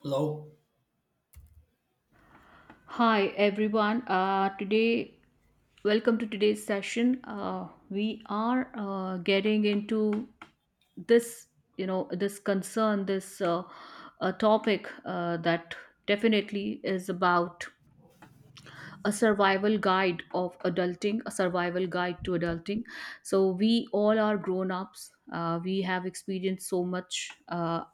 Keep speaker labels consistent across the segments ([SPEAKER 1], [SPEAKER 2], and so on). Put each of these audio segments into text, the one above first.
[SPEAKER 1] Hello.
[SPEAKER 2] Hi everyone. Today, welcome to today's session. We are getting into this, this concern, this topic that definitely is about a survival guide of adulting, a survival guide to adulting. So we all are grown ups. We have experienced so much, uh,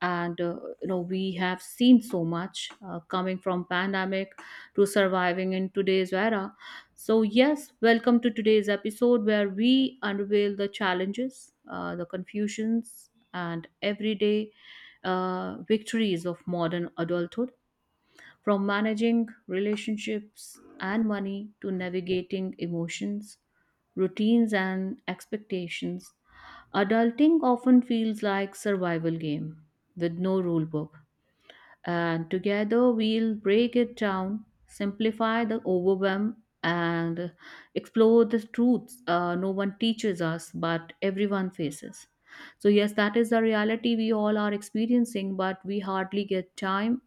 [SPEAKER 2] and uh, you know we have seen so much coming from pandemic to surviving in today's era. So yes, welcome to today's episode where we unveil the challenges, the confusions, and everyday victories of modern adulthood. From managing relationships and money to navigating emotions, routines and expectations, adulting often feels like survival game with no rule book. And together we'll break it down, simplify the overwhelm and explore the truths no one teaches us but everyone faces. So yes, that is the reality we all are experiencing, but we hardly get time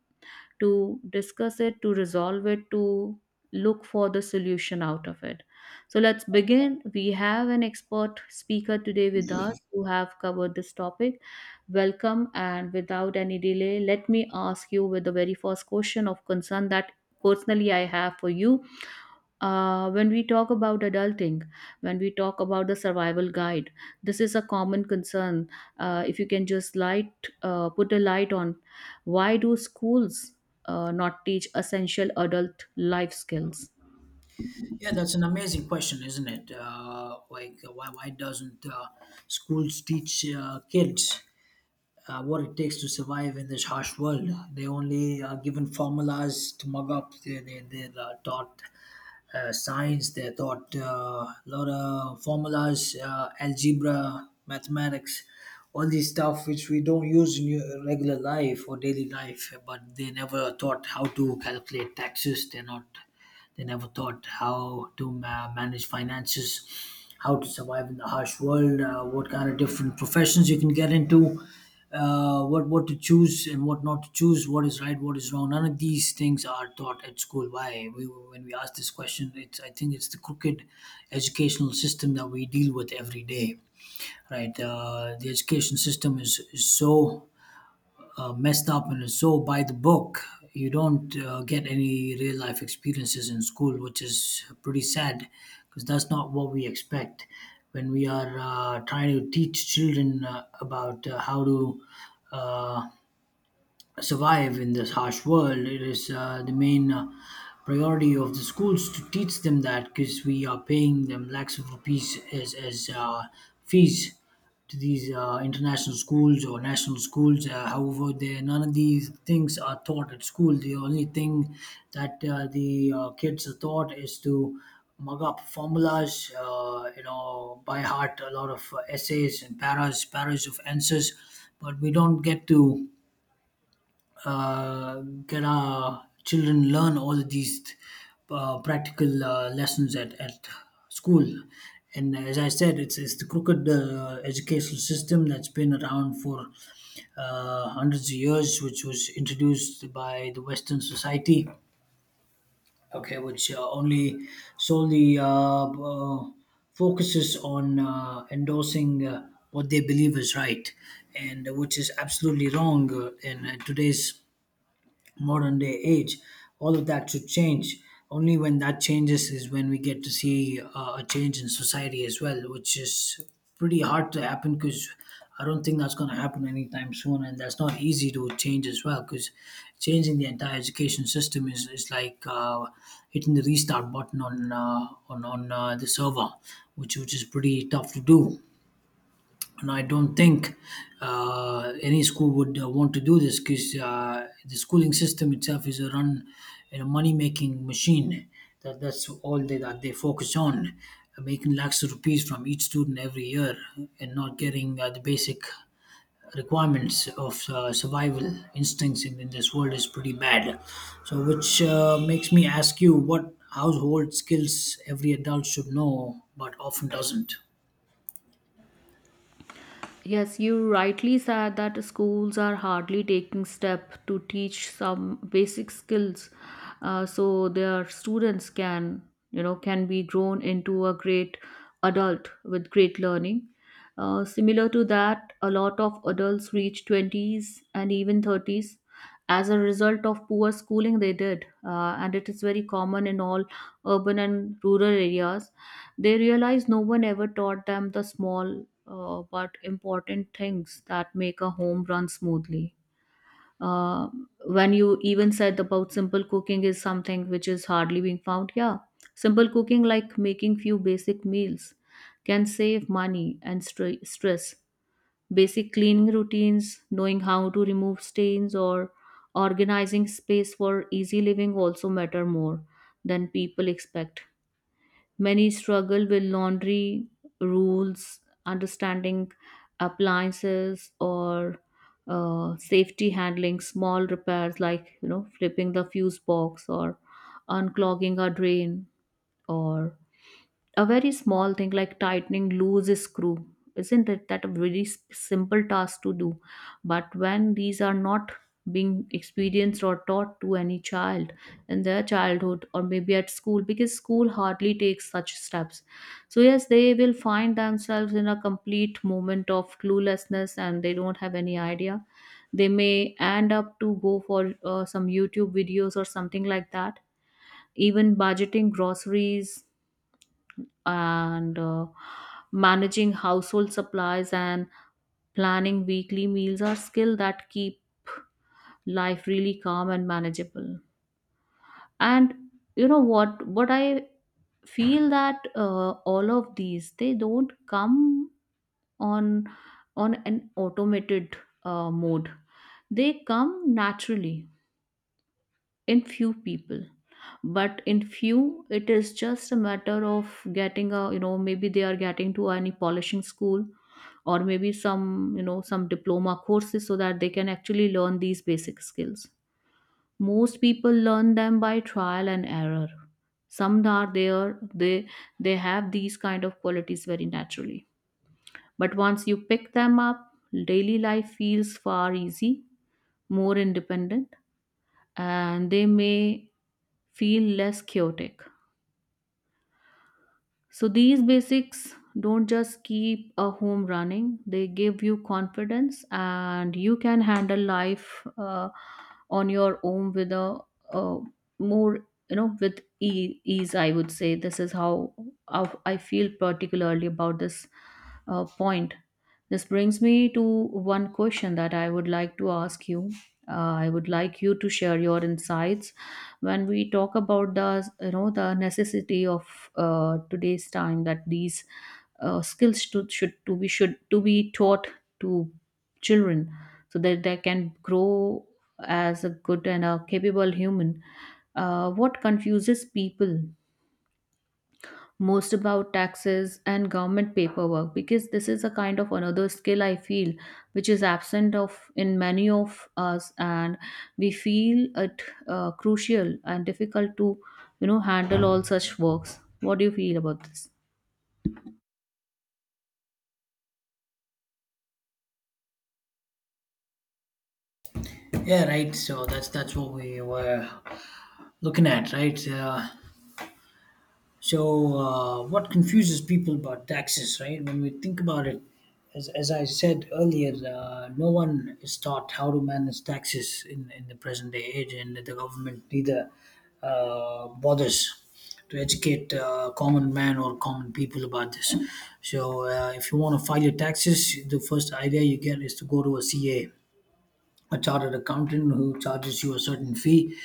[SPEAKER 2] to discuss it, to resolve it, to look for the solution out of it. So let's begin. We have an expert speaker today with us who have covered this topic. Welcome, and without any delay, let me ask you with the very first question of concern that personally I have for you. When we talk about adulting, when we talk about the survival guide, this is a common concern. If you can just light, put a light on, why do schools not teach essential adult life skills?
[SPEAKER 1] Yeah, that's an amazing question, isn't it? Like, why doesn't schools teach kids what it takes to survive in this harsh world? They only are given formulas to mug up. They're taught science. They're taught a lot of formulas, algebra, mathematics, all these stuff which we don't use in your regular life or daily life. But they never taught how to calculate taxes. They're not. They never thought how to manage finances, how to survive in the harsh world, what kind of different professions you can get into, what to choose and what not to choose, what is right, what is wrong. None of these things are taught at school. Why? When we ask this question, it's I think it's the crooked educational system that we deal with every day, right? The education system is so messed up, and it's so by the book. You don't get any real life experiences in school, which is pretty sad because that's not what we expect when we are trying to teach children about how to Uh, survive in this harsh world. It is the main priority of the schools to teach them that, because we are paying them lakhs of rupees as fees to these international schools or national schools. However, none of these things are taught at school. The only thing that the kids are taught is to mug up formulas, by heart a lot of essays and paras of answers, but we don't get to. uh, can our children learn all of these practical lessons at, school? And as I said, it's the crooked educational system that's been around for hundreds of years, which was introduced by the Western society, okay, which only solely focuses on endorsing what they believe is right, and which is absolutely wrong in today's modern day age. All of that should change. Only when that changes is when we get to see a change in society as well, which is pretty hard to happen, because I don't think that's going to happen anytime soon, and that's not easy to change as well, because changing the entire education system is like hitting the restart button on the server, which is pretty tough to do. And I don't think any school would want to do this, because the schooling system itself is a run in a money making machine. That's all that they focus on, making lakhs of rupees from each student every year, and not getting the basic requirements of survival instincts in this world is pretty bad. So, which makes me ask you, what household skills every adult should know but often doesn't.
[SPEAKER 2] Yes, you rightly said that schools are hardly taking step to teach some basic skills, so their students can be grown into a great adult with great learning. Similar to that, a lot of adults reach twenties and even thirties as a result of poor schooling they did, and it is very common in all urban and rural areas. They realize no one ever taught them the small but important things that make a home run smoothly. Uh, when you even said about simple cooking is something which is hardly being found, yeah, simple cooking like making few basic meals can save money and stress. Basic cleaning routines, knowing how to remove stains, or organizing space for easy living also matter more than people expect. Many struggle with laundry rules, understanding appliances, or safety handling small repairs, like, flipping the fuse box or unclogging a drain, or a very small thing like tightening loose screw. Isn't it that a very simple task to do? But when these are not being experienced or taught to any child in their childhood, or maybe at school because school hardly takes such steps, so yes, they will find themselves in a complete moment of cluelessness and they don't have any idea. They may end up to go for some youtube videos or something like that. Even budgeting groceries and managing household supplies and planning weekly meals are skills that keep life really calm and manageable. And you know what I feel, that all of these, they don't come on on an automated mode. They come naturally in few people, but in few it is just a matter of getting a, maybe they are getting to any polishing school, or maybe some, some diploma courses, so that they can actually learn these basic skills. Most people learn them by trial and error. Some are there, they have these kind of qualities very naturally, but once you pick them up, daily life feels far easy, more independent, and they may feel less chaotic. So these basics don't just keep a home running, they give you confidence and you can handle life on your own with a, uh more, you know, with ease, I would say. This is how I feel particularly about this point. This brings me to one question that I would like to ask you. I would like you to share your insights when we talk about the you know the necessity of today's time, that these skills to, should to be taught to children so that they can grow as a good and a capable human. What confuses people most about taxes and government paperwork? Because this is a kind of another skill I feel, which is absent of in many of us, and we feel it crucial and difficult to, handle all such works. What do you feel about this?
[SPEAKER 1] Yeah, right. So that's what we were looking at, right? So what confuses people about taxes, right? When we think about it, as I said earlier, no one is taught how to manage taxes in the present day age, and the government neither bothers to educate common man or common people about this. So if you want to file your taxes, the first idea you get is to go to a CA, a chartered accountant, who charges you a certain fee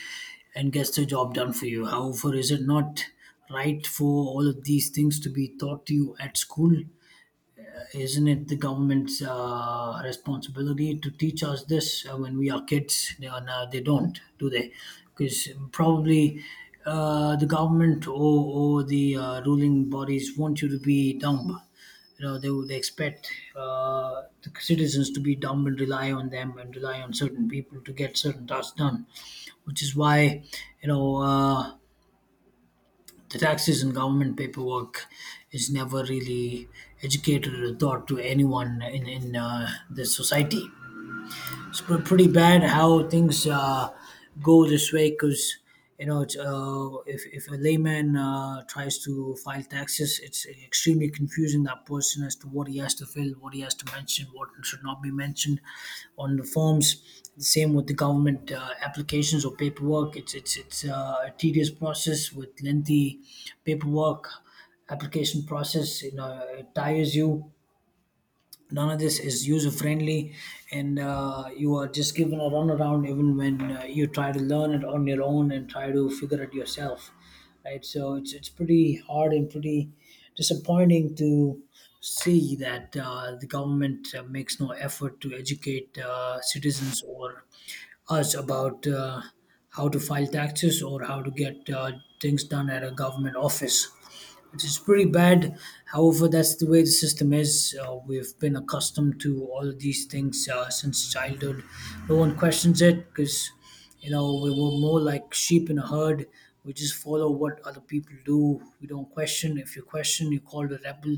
[SPEAKER 1] and gets the job done for you. However, is it not right for all of these things to be taught to you at school? Isn't it the government's responsibility to teach us this when we are kids? They are. Now they don't, do they? Because probably the government, or the ruling bodies, want you to be dumb. You know, they would expect the citizens to be dumb and rely on them and rely on certain people to get certain tasks done, which is why, you know. Uh, the taxes and government paperwork is never really educated or taught to anyone in the society. It's pretty bad how things go this way, because if a layman tries to file taxes, it's extremely confusing that person as to what he has to fill, what he has to mention, what should not be mentioned on the forms. The same with the government applications or paperwork. It's a tedious process with lengthy paperwork, application process. It tires you. None of this is user friendly, and you are just given a runaround even when you try to learn it on your own and try to figure it yourself, right? So it's pretty hard and pretty disappointing to see that the government makes no effort to educate citizens or us about how to file taxes or how to get things done at a government office. It is pretty bad. However, that's the way the system is. We've been accustomed to all of these things since childhood. No one questions it, because, we were more like sheep in a herd. We just follow what other people do. We don't question. If you question, you're called a rebel.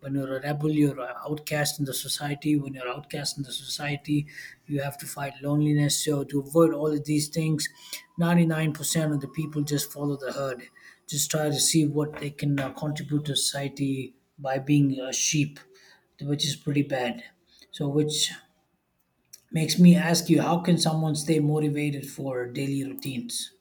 [SPEAKER 1] When you're a rebel, you're an outcast in the society. When you're outcast in the society, you have to fight loneliness. So to avoid all of these things, 99% of the people just follow the herd, just try to see what they can contribute to society by being a sheep, which is pretty bad. So which makes me ask you, how can someone stay motivated for daily routines?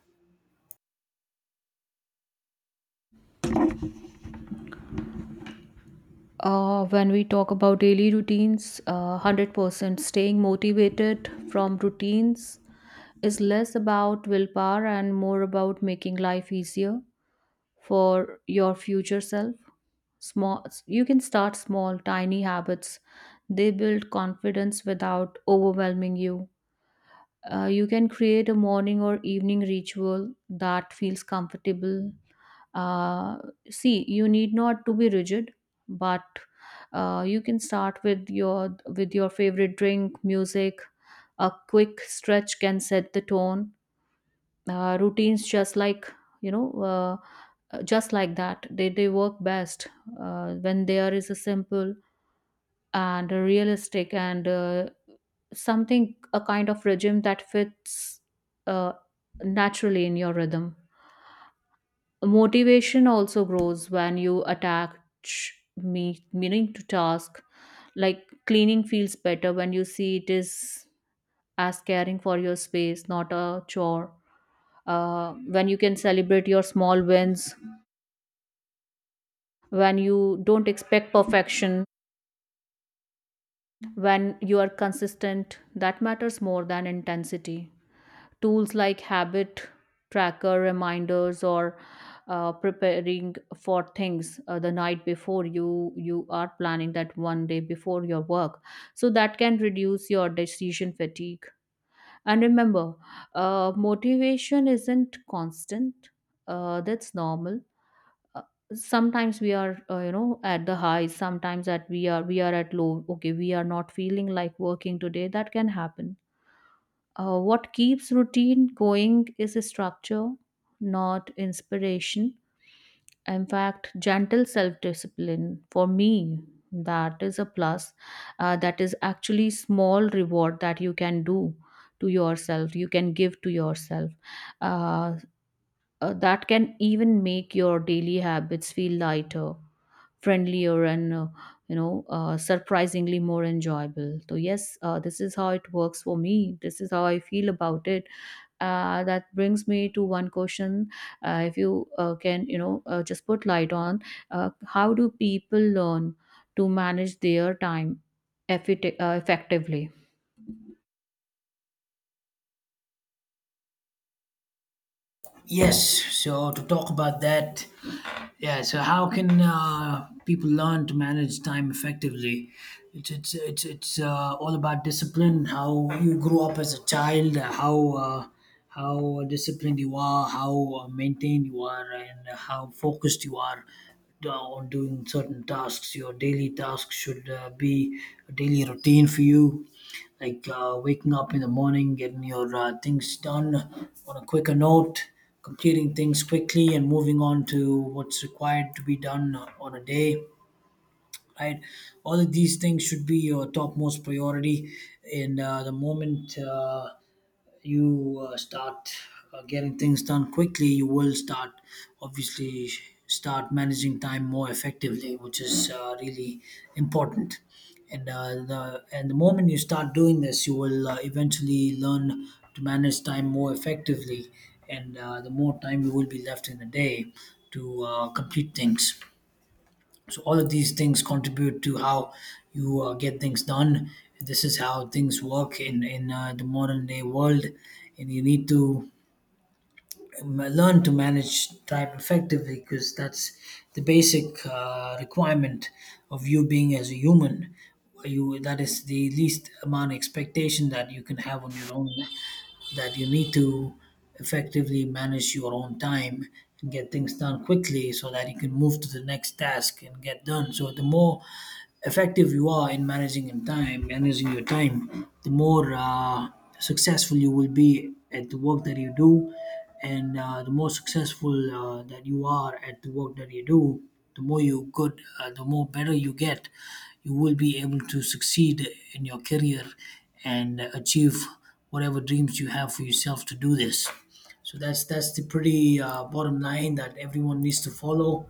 [SPEAKER 2] When we talk about daily routines, 100% staying motivated from routines is less about willpower and more about making life easier for your future self. Small You can start small tiny habits, they build confidence without overwhelming you. You can create a morning or evening ritual that feels comfortable. uh, see, you need not to be rigid, but you can start with your favorite drink music. A quick stretch can set the tone. Routines, you know uh, just like that, they work best when there is a simple and realistic and something a kind of regime that fits uh, naturally in your rhythm. Motivation also grows when you attach meaning to task, like cleaning feels better when you see it is as caring for your space, not a chore. When you can celebrate your small wins, when you don't expect perfection, when you are consistent, that matters more than intensity. Tools like habit tracker reminders, or preparing for things the night before, you are planning that one day before your work, so that can reduce your decision fatigue. And remember, motivation isn't constant. That's normal. Uh, sometimes we are at the highs, sometimes that we are at low. Okay, we are not feeling like working today, that can happen. What keeps routine going is a structure, not inspiration. In fact, gentle self discipline for me, that is a plus. That is actually small reward that you can do to yourself, you can give to yourself. Uh, that can even make your daily habits feel lighter, friendlier, and surprisingly more enjoyable. So, yes, this is how it works for me. This is how I feel about it. That brings me to one question. If you can, just put light on how do people learn to manage their time effectively?
[SPEAKER 1] Yes, so to talk about that. Yeah. So how can people learn to manage time effectively? It's all about discipline. How you grew up as a child, how disciplined you are, how maintained you are, and how focused you are on doing certain tasks. Your daily tasks should be a daily routine for you, like waking up in the morning, getting your things done on a quicker note, completing things quickly, and moving on to what's required to be done on a day. Right, all of these things should be your topmost priority in the moment. You start getting things done quickly, you will start, obviously, start managing time more effectively, which is really important. And the moment you start doing this, you will eventually learn to manage time more effectively, and the more time you will be left in a day to complete things. So all of these things contribute to how you get things done. This is how things work in the modern day world, and you need to learn to manage time effectively, because that's the basic requirement of you being as a human. You that is the least amount of expectation that you can have on your own, that you need to effectively manage your own time and get things done quickly, so that you can move to the next task and get done. So the more effective you are in managing in time, managing your time, the more successful you will be at the work that you do, and the more successful that you are at the work that you do, the more better you get, you will be able to succeed in your career and achieve whatever dreams you have for yourself to do this. So that's the pretty bottom line that everyone needs to follow,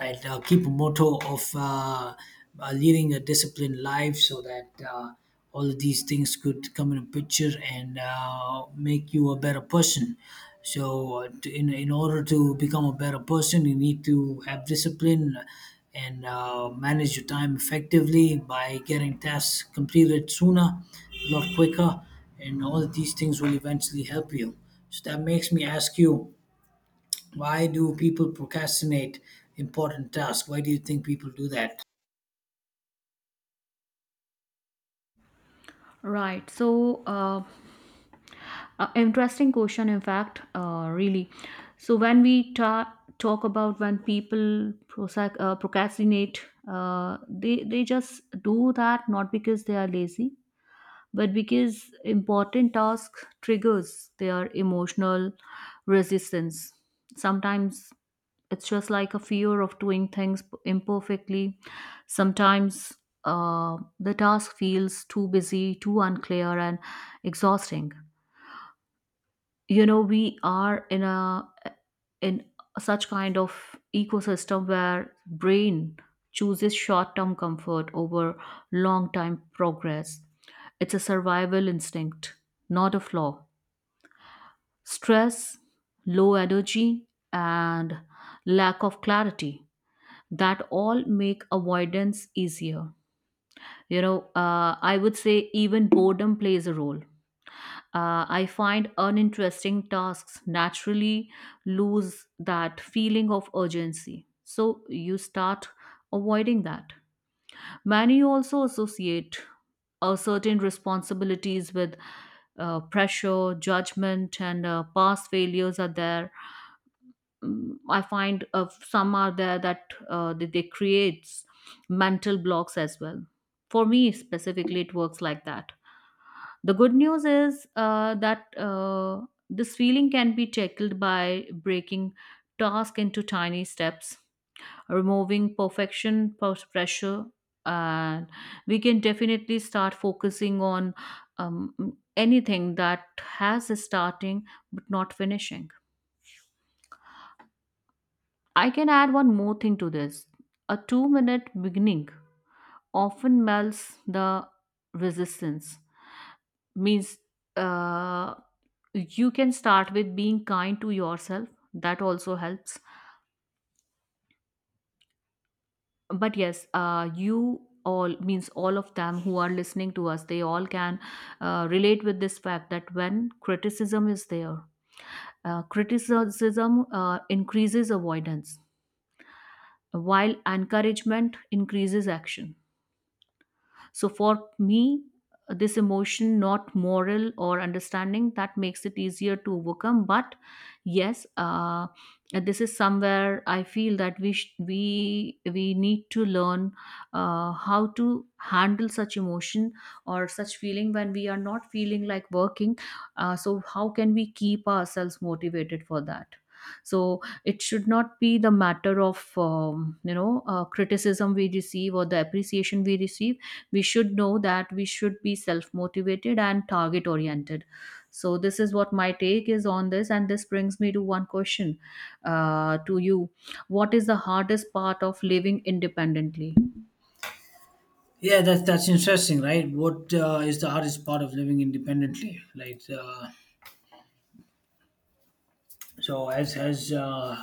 [SPEAKER 1] right? Keep a motto of leading a disciplined life, so that all of these things could come in a picture and make you a better person. So, in, order to become a better person, you need to have discipline and manage your time effectively by getting tasks completed sooner, a lot quicker, and all of these things will eventually help you. So, that makes me ask you, why do people procrastinate important tasks? Why do you think people do that?
[SPEAKER 2] Right. So interesting question in fact, really. So when we talk about when people procrastinate, they just do that not because they are lazy, but because important task triggers their emotional resistance. Sometimes it's just like a fear of doing things imperfectly. Sometimes the task feels too busy, too unclear and exhausting. You know, we are in a in such kind of ecosystem where brain chooses short-term comfort over long-term progress. It's a survival instinct, not a flaw. Stress, low energy, and lack of clarity, that all make avoidance easier. You know, I would say even boredom plays a role. I find uninteresting tasks naturally lose that feeling of urgency. So you start avoiding that. Many also associate certain responsibilities with pressure, judgment, and past failures are there. Mm, I find some are there that they creates mental blocks as well. For me specifically it works like that. The good news is that this feeling can be tackled by breaking task into tiny steps, removing perfection pressure, and we can definitely start focusing on anything that has a starting but not finishing. I can add one more thing to this. A 2-minute beginning often melts the resistance. Means uh, you can start with being kind to yourself. That also helps. But yes, you all means all of them who are listening to us, they all can relate with this fact that when criticism is there, criticism increases avoidance, while encouragement increases action. So for me, this emotion not moral or understanding that makes it easier to overcome. But yes, this is somewhere I feel that we sh- we need to learn how to handle such emotion or such feeling when we are not feeling like working. So how can we keep ourselves motivated for that? So it should not be the matter of criticism we receive or the appreciation we receive. We should know that we should be self motivated and target oriented. So this is what my take is on this, and this brings me to one question to you: what is the hardest part of living independently?
[SPEAKER 1] Yeah, that's interesting, right? What is the hardest part of living independently? Like, so as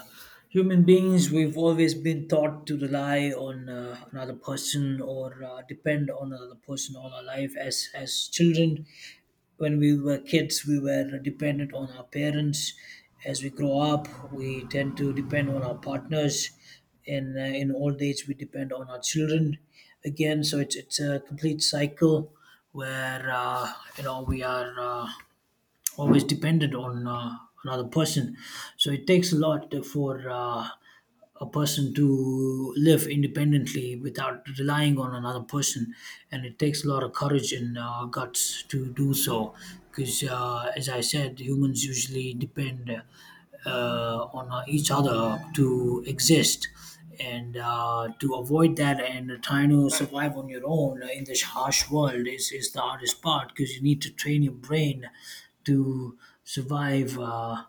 [SPEAKER 1] human beings, we've always been taught to rely on another person or depend on another person all our life. As children, when we were kids we were dependent on our parents. As we grow up we tend to depend on our partners, and in old age we depend on our children again. So it's a complete cycle where we are always dependent on another person. So it takes a lot for a person to live independently without relying on another person, and it takes a lot of courage and guts to do so, because as I said, humans usually depend on each other to exist. And to avoid that and trying to survive on your own in this harsh world is the hardest part, because you need to train your brain to survive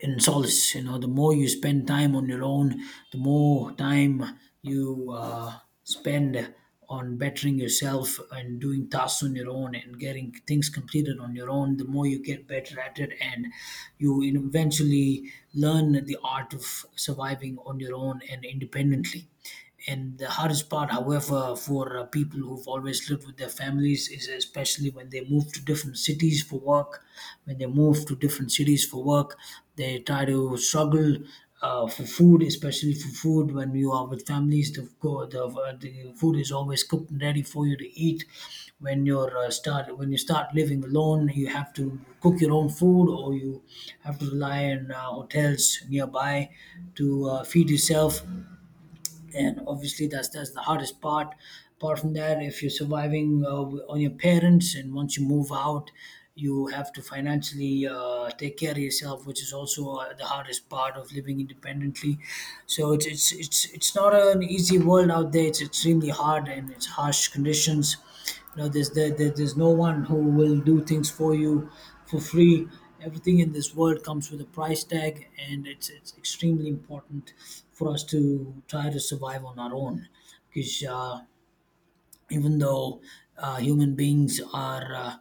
[SPEAKER 1] in solace. You know, the more you spend time on your own, the more time you spend on bettering yourself and doing tasks on your own and getting things completed on your own, the more you get better at it, and you eventually learn the art of surviving on your own and independently. And the hardest part, however, for people who've always lived with their families is especially when they move to different cities for work. When they move to different cities for work, they try to struggle for food, especially for food. When you are with families, the food is always cooked and ready for you to eat. When you start living alone, you have to cook your own food, or you have to rely on hotels nearby to feed yourself, and obviously that's the hardest part. Apart from that, if you're surviving on your parents, and once you move out, you have to financially take care of yourself, which is also the hardest part of living independently. So it's not an easy world out there. It's extremely hard, and it's harsh conditions. You know, there's no one who will do things for you for free. Everything in this world comes with a price tag, and it's extremely important for us to try to survive on our own, because even though human beings are uh,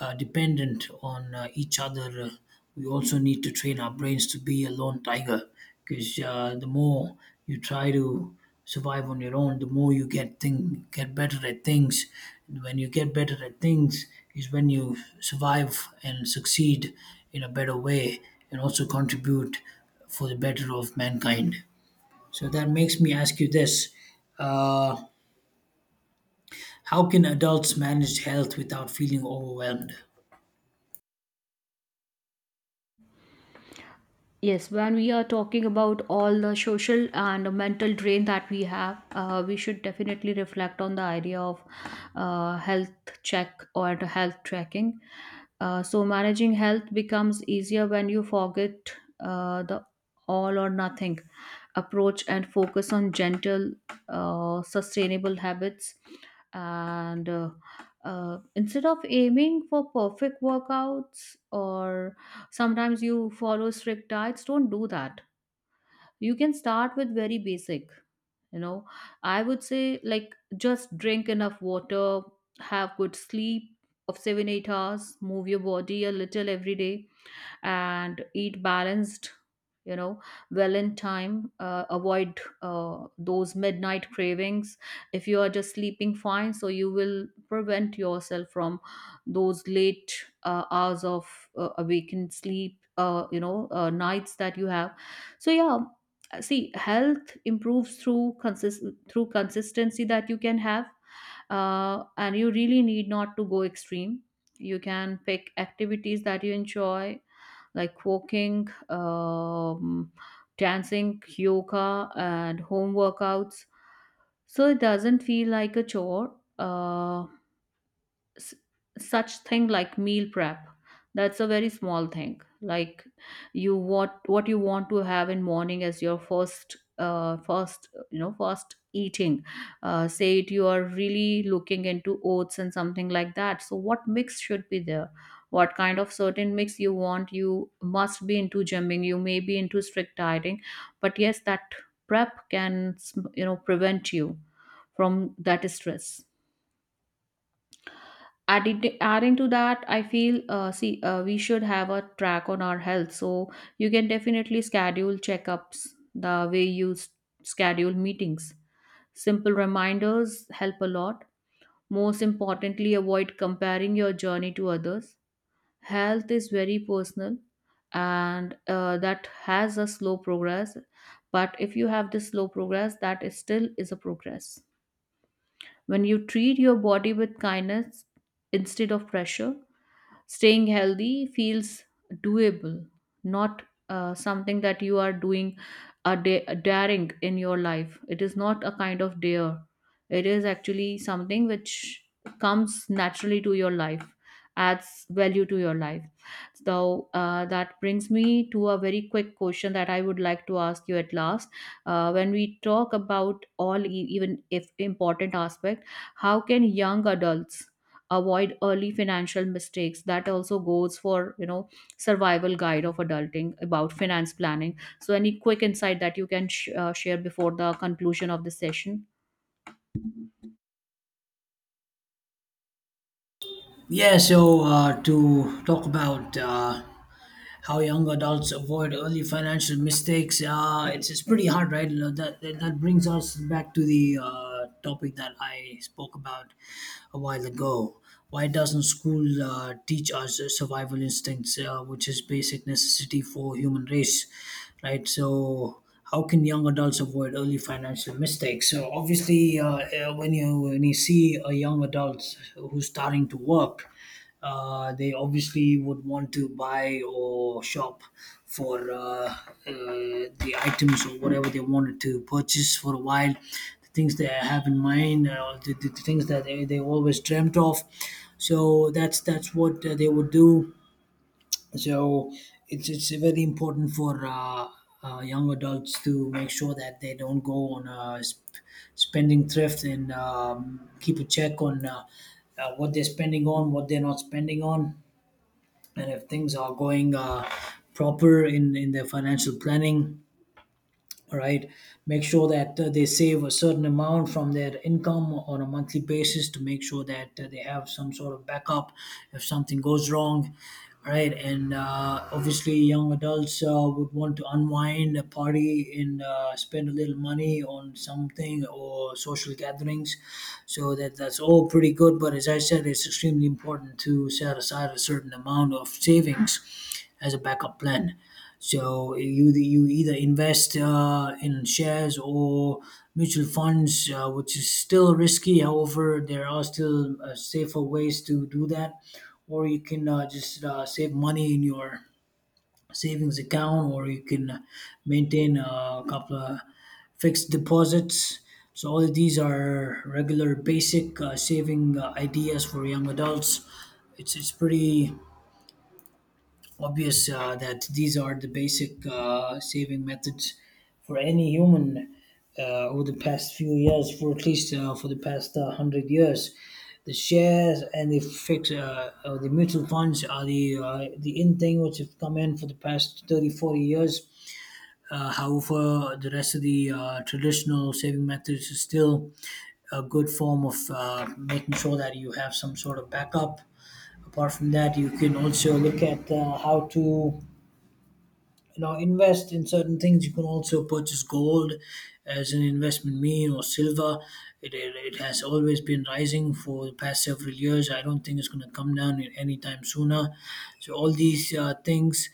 [SPEAKER 1] uh, dependent on each other, we also need to train our brains to be a lone tiger. Because the more you try to survive on your own, the more you get better at things. And when you get better at things, is when you survive and succeed in a better way, and also contribute for the better of mankind. So that makes me ask you this. Uh, how can adults manage health without feeling overwhelmed?
[SPEAKER 2] Yes, when we are talking about all the social and mental drain that we have, we should definitely reflect on the idea of health check or the health tracking. So managing health becomes easier when you forget the all or nothing approach and focus on gentle, sustainable habits, and instead of aiming for perfect workouts, or sometimes you follow strict diets, don't do that. You can start with very basic, you know I would say, like just drink enough water, have good sleep of 7 8 hours, move your body a little every day, and eat balanced, you know well in time. Avoid those midnight cravings. If you are just sleeping fine, so you will prevent yourself from those late hours of awakened sleep, nights that you have. So yeah, see, health improves through consistency that you can have. And you really need not to go extreme. You can pick activities that you enjoy, like walking, dancing, yoga, and home workouts. So it doesn't feel like a chore. S- such thing like meal prep, that's a very small thing. Like, you what you want to have in morning as your first eating. Say it, you are really looking into oats and something like that, so what mix should be there, what kind of certain mix you want. You must be into gymming, you may be into strict dieting, but yes, that prep can, prevent you from that stress. Adding to that I feel, see we should have a track on our health. So you can definitely schedule checkups the way you schedule meetings. Simple reminders help a lot. Most importantly, avoid comparing your journey to others. Health is very personal, and that has a slow progress, but if you have this slow progress, that is still is a progress. When you treat your body with kindness instead of pressure, staying healthy feels doable, not something that you are doing a daring in your life. It is not a kind of dare. It is actually something which comes naturally to your life, adds value to your life. So that brings me to a very quick question that I would like to ask you at last. When we talk about all, even if important aspect, how can young adults avoid early financial mistakes? That also goes for, survival guide of adulting about finance planning. So any quick insight that you can share before the conclusion of this session?
[SPEAKER 1] Yeah, so to talk about how young adults avoid early financial mistakes, it's pretty hard, right? You know, that brings us back to the topic that I spoke about a while ago. Why doesn't school teach us survival instincts, which is basic necessity for human race, right? So how can young adults avoid early financial mistakes? So obviously, when you see a young adult who's starting to work, they obviously would want to buy or shop for uh, the items or whatever they wanted to purchase for a while, the things they have in mind, the things that they always dreamt of. So that's what they would do. So it's very important for young adults to make sure that they don't go on a spending thrift, and keep a check on what they're spending on, what they're not spending on, and if things are going proper in their financial planning, right? Make sure that they save a certain amount from their income on a monthly basis to make sure that they have some sort of backup if something goes wrong, right? And obviously young adults would want to unwind a party and spend a little money on something or social gatherings. So that's all pretty good, but as I said, it's extremely important to set aside a certain amount of savings as a backup plan. So you either invest in shares or mutual funds, which is still risky. However, there are still safer ways to do that, or you can just save money in your savings account, or you can maintain a couple of fixed deposits. So all of these are regular, basic saving ideas for young adults. It's pretty obvious that these are the basic saving methods for any human over the past few years, for at least for the past 100 years. The shares and the mutual funds are the in thing which have come in for the past 30, 40 years. However, the rest of the traditional saving methods is still a good form of making sure that you have some sort of backup. Apart from that, you can also look at how to invest in certain things. You can also purchase gold as an investment mean, or silver. It has always been rising for the past several years. I don't think it's going to come down in any time sooner. So all these things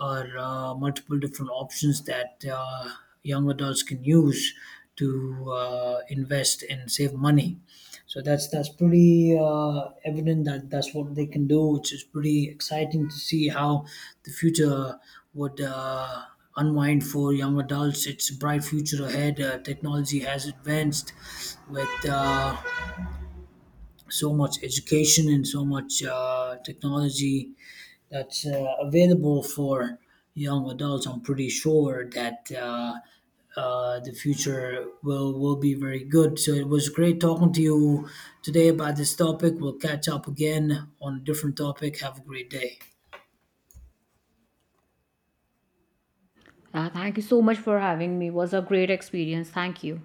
[SPEAKER 1] are multiple different options that young adults can use to invest and save money. So that's pretty evident that that's what they can do, which is pretty exciting to see how the future would unwind for young adults. It's a bright future ahead. Technology has advanced with so much education and so much technology that's available for young adults. I'm pretty sure that the future will be very good. So it was great talking to you today about this topic. We'll catch up again on a different topic. Have a great day.
[SPEAKER 2] Yeah, thank you so much for having me, it was a great experience. Thank you.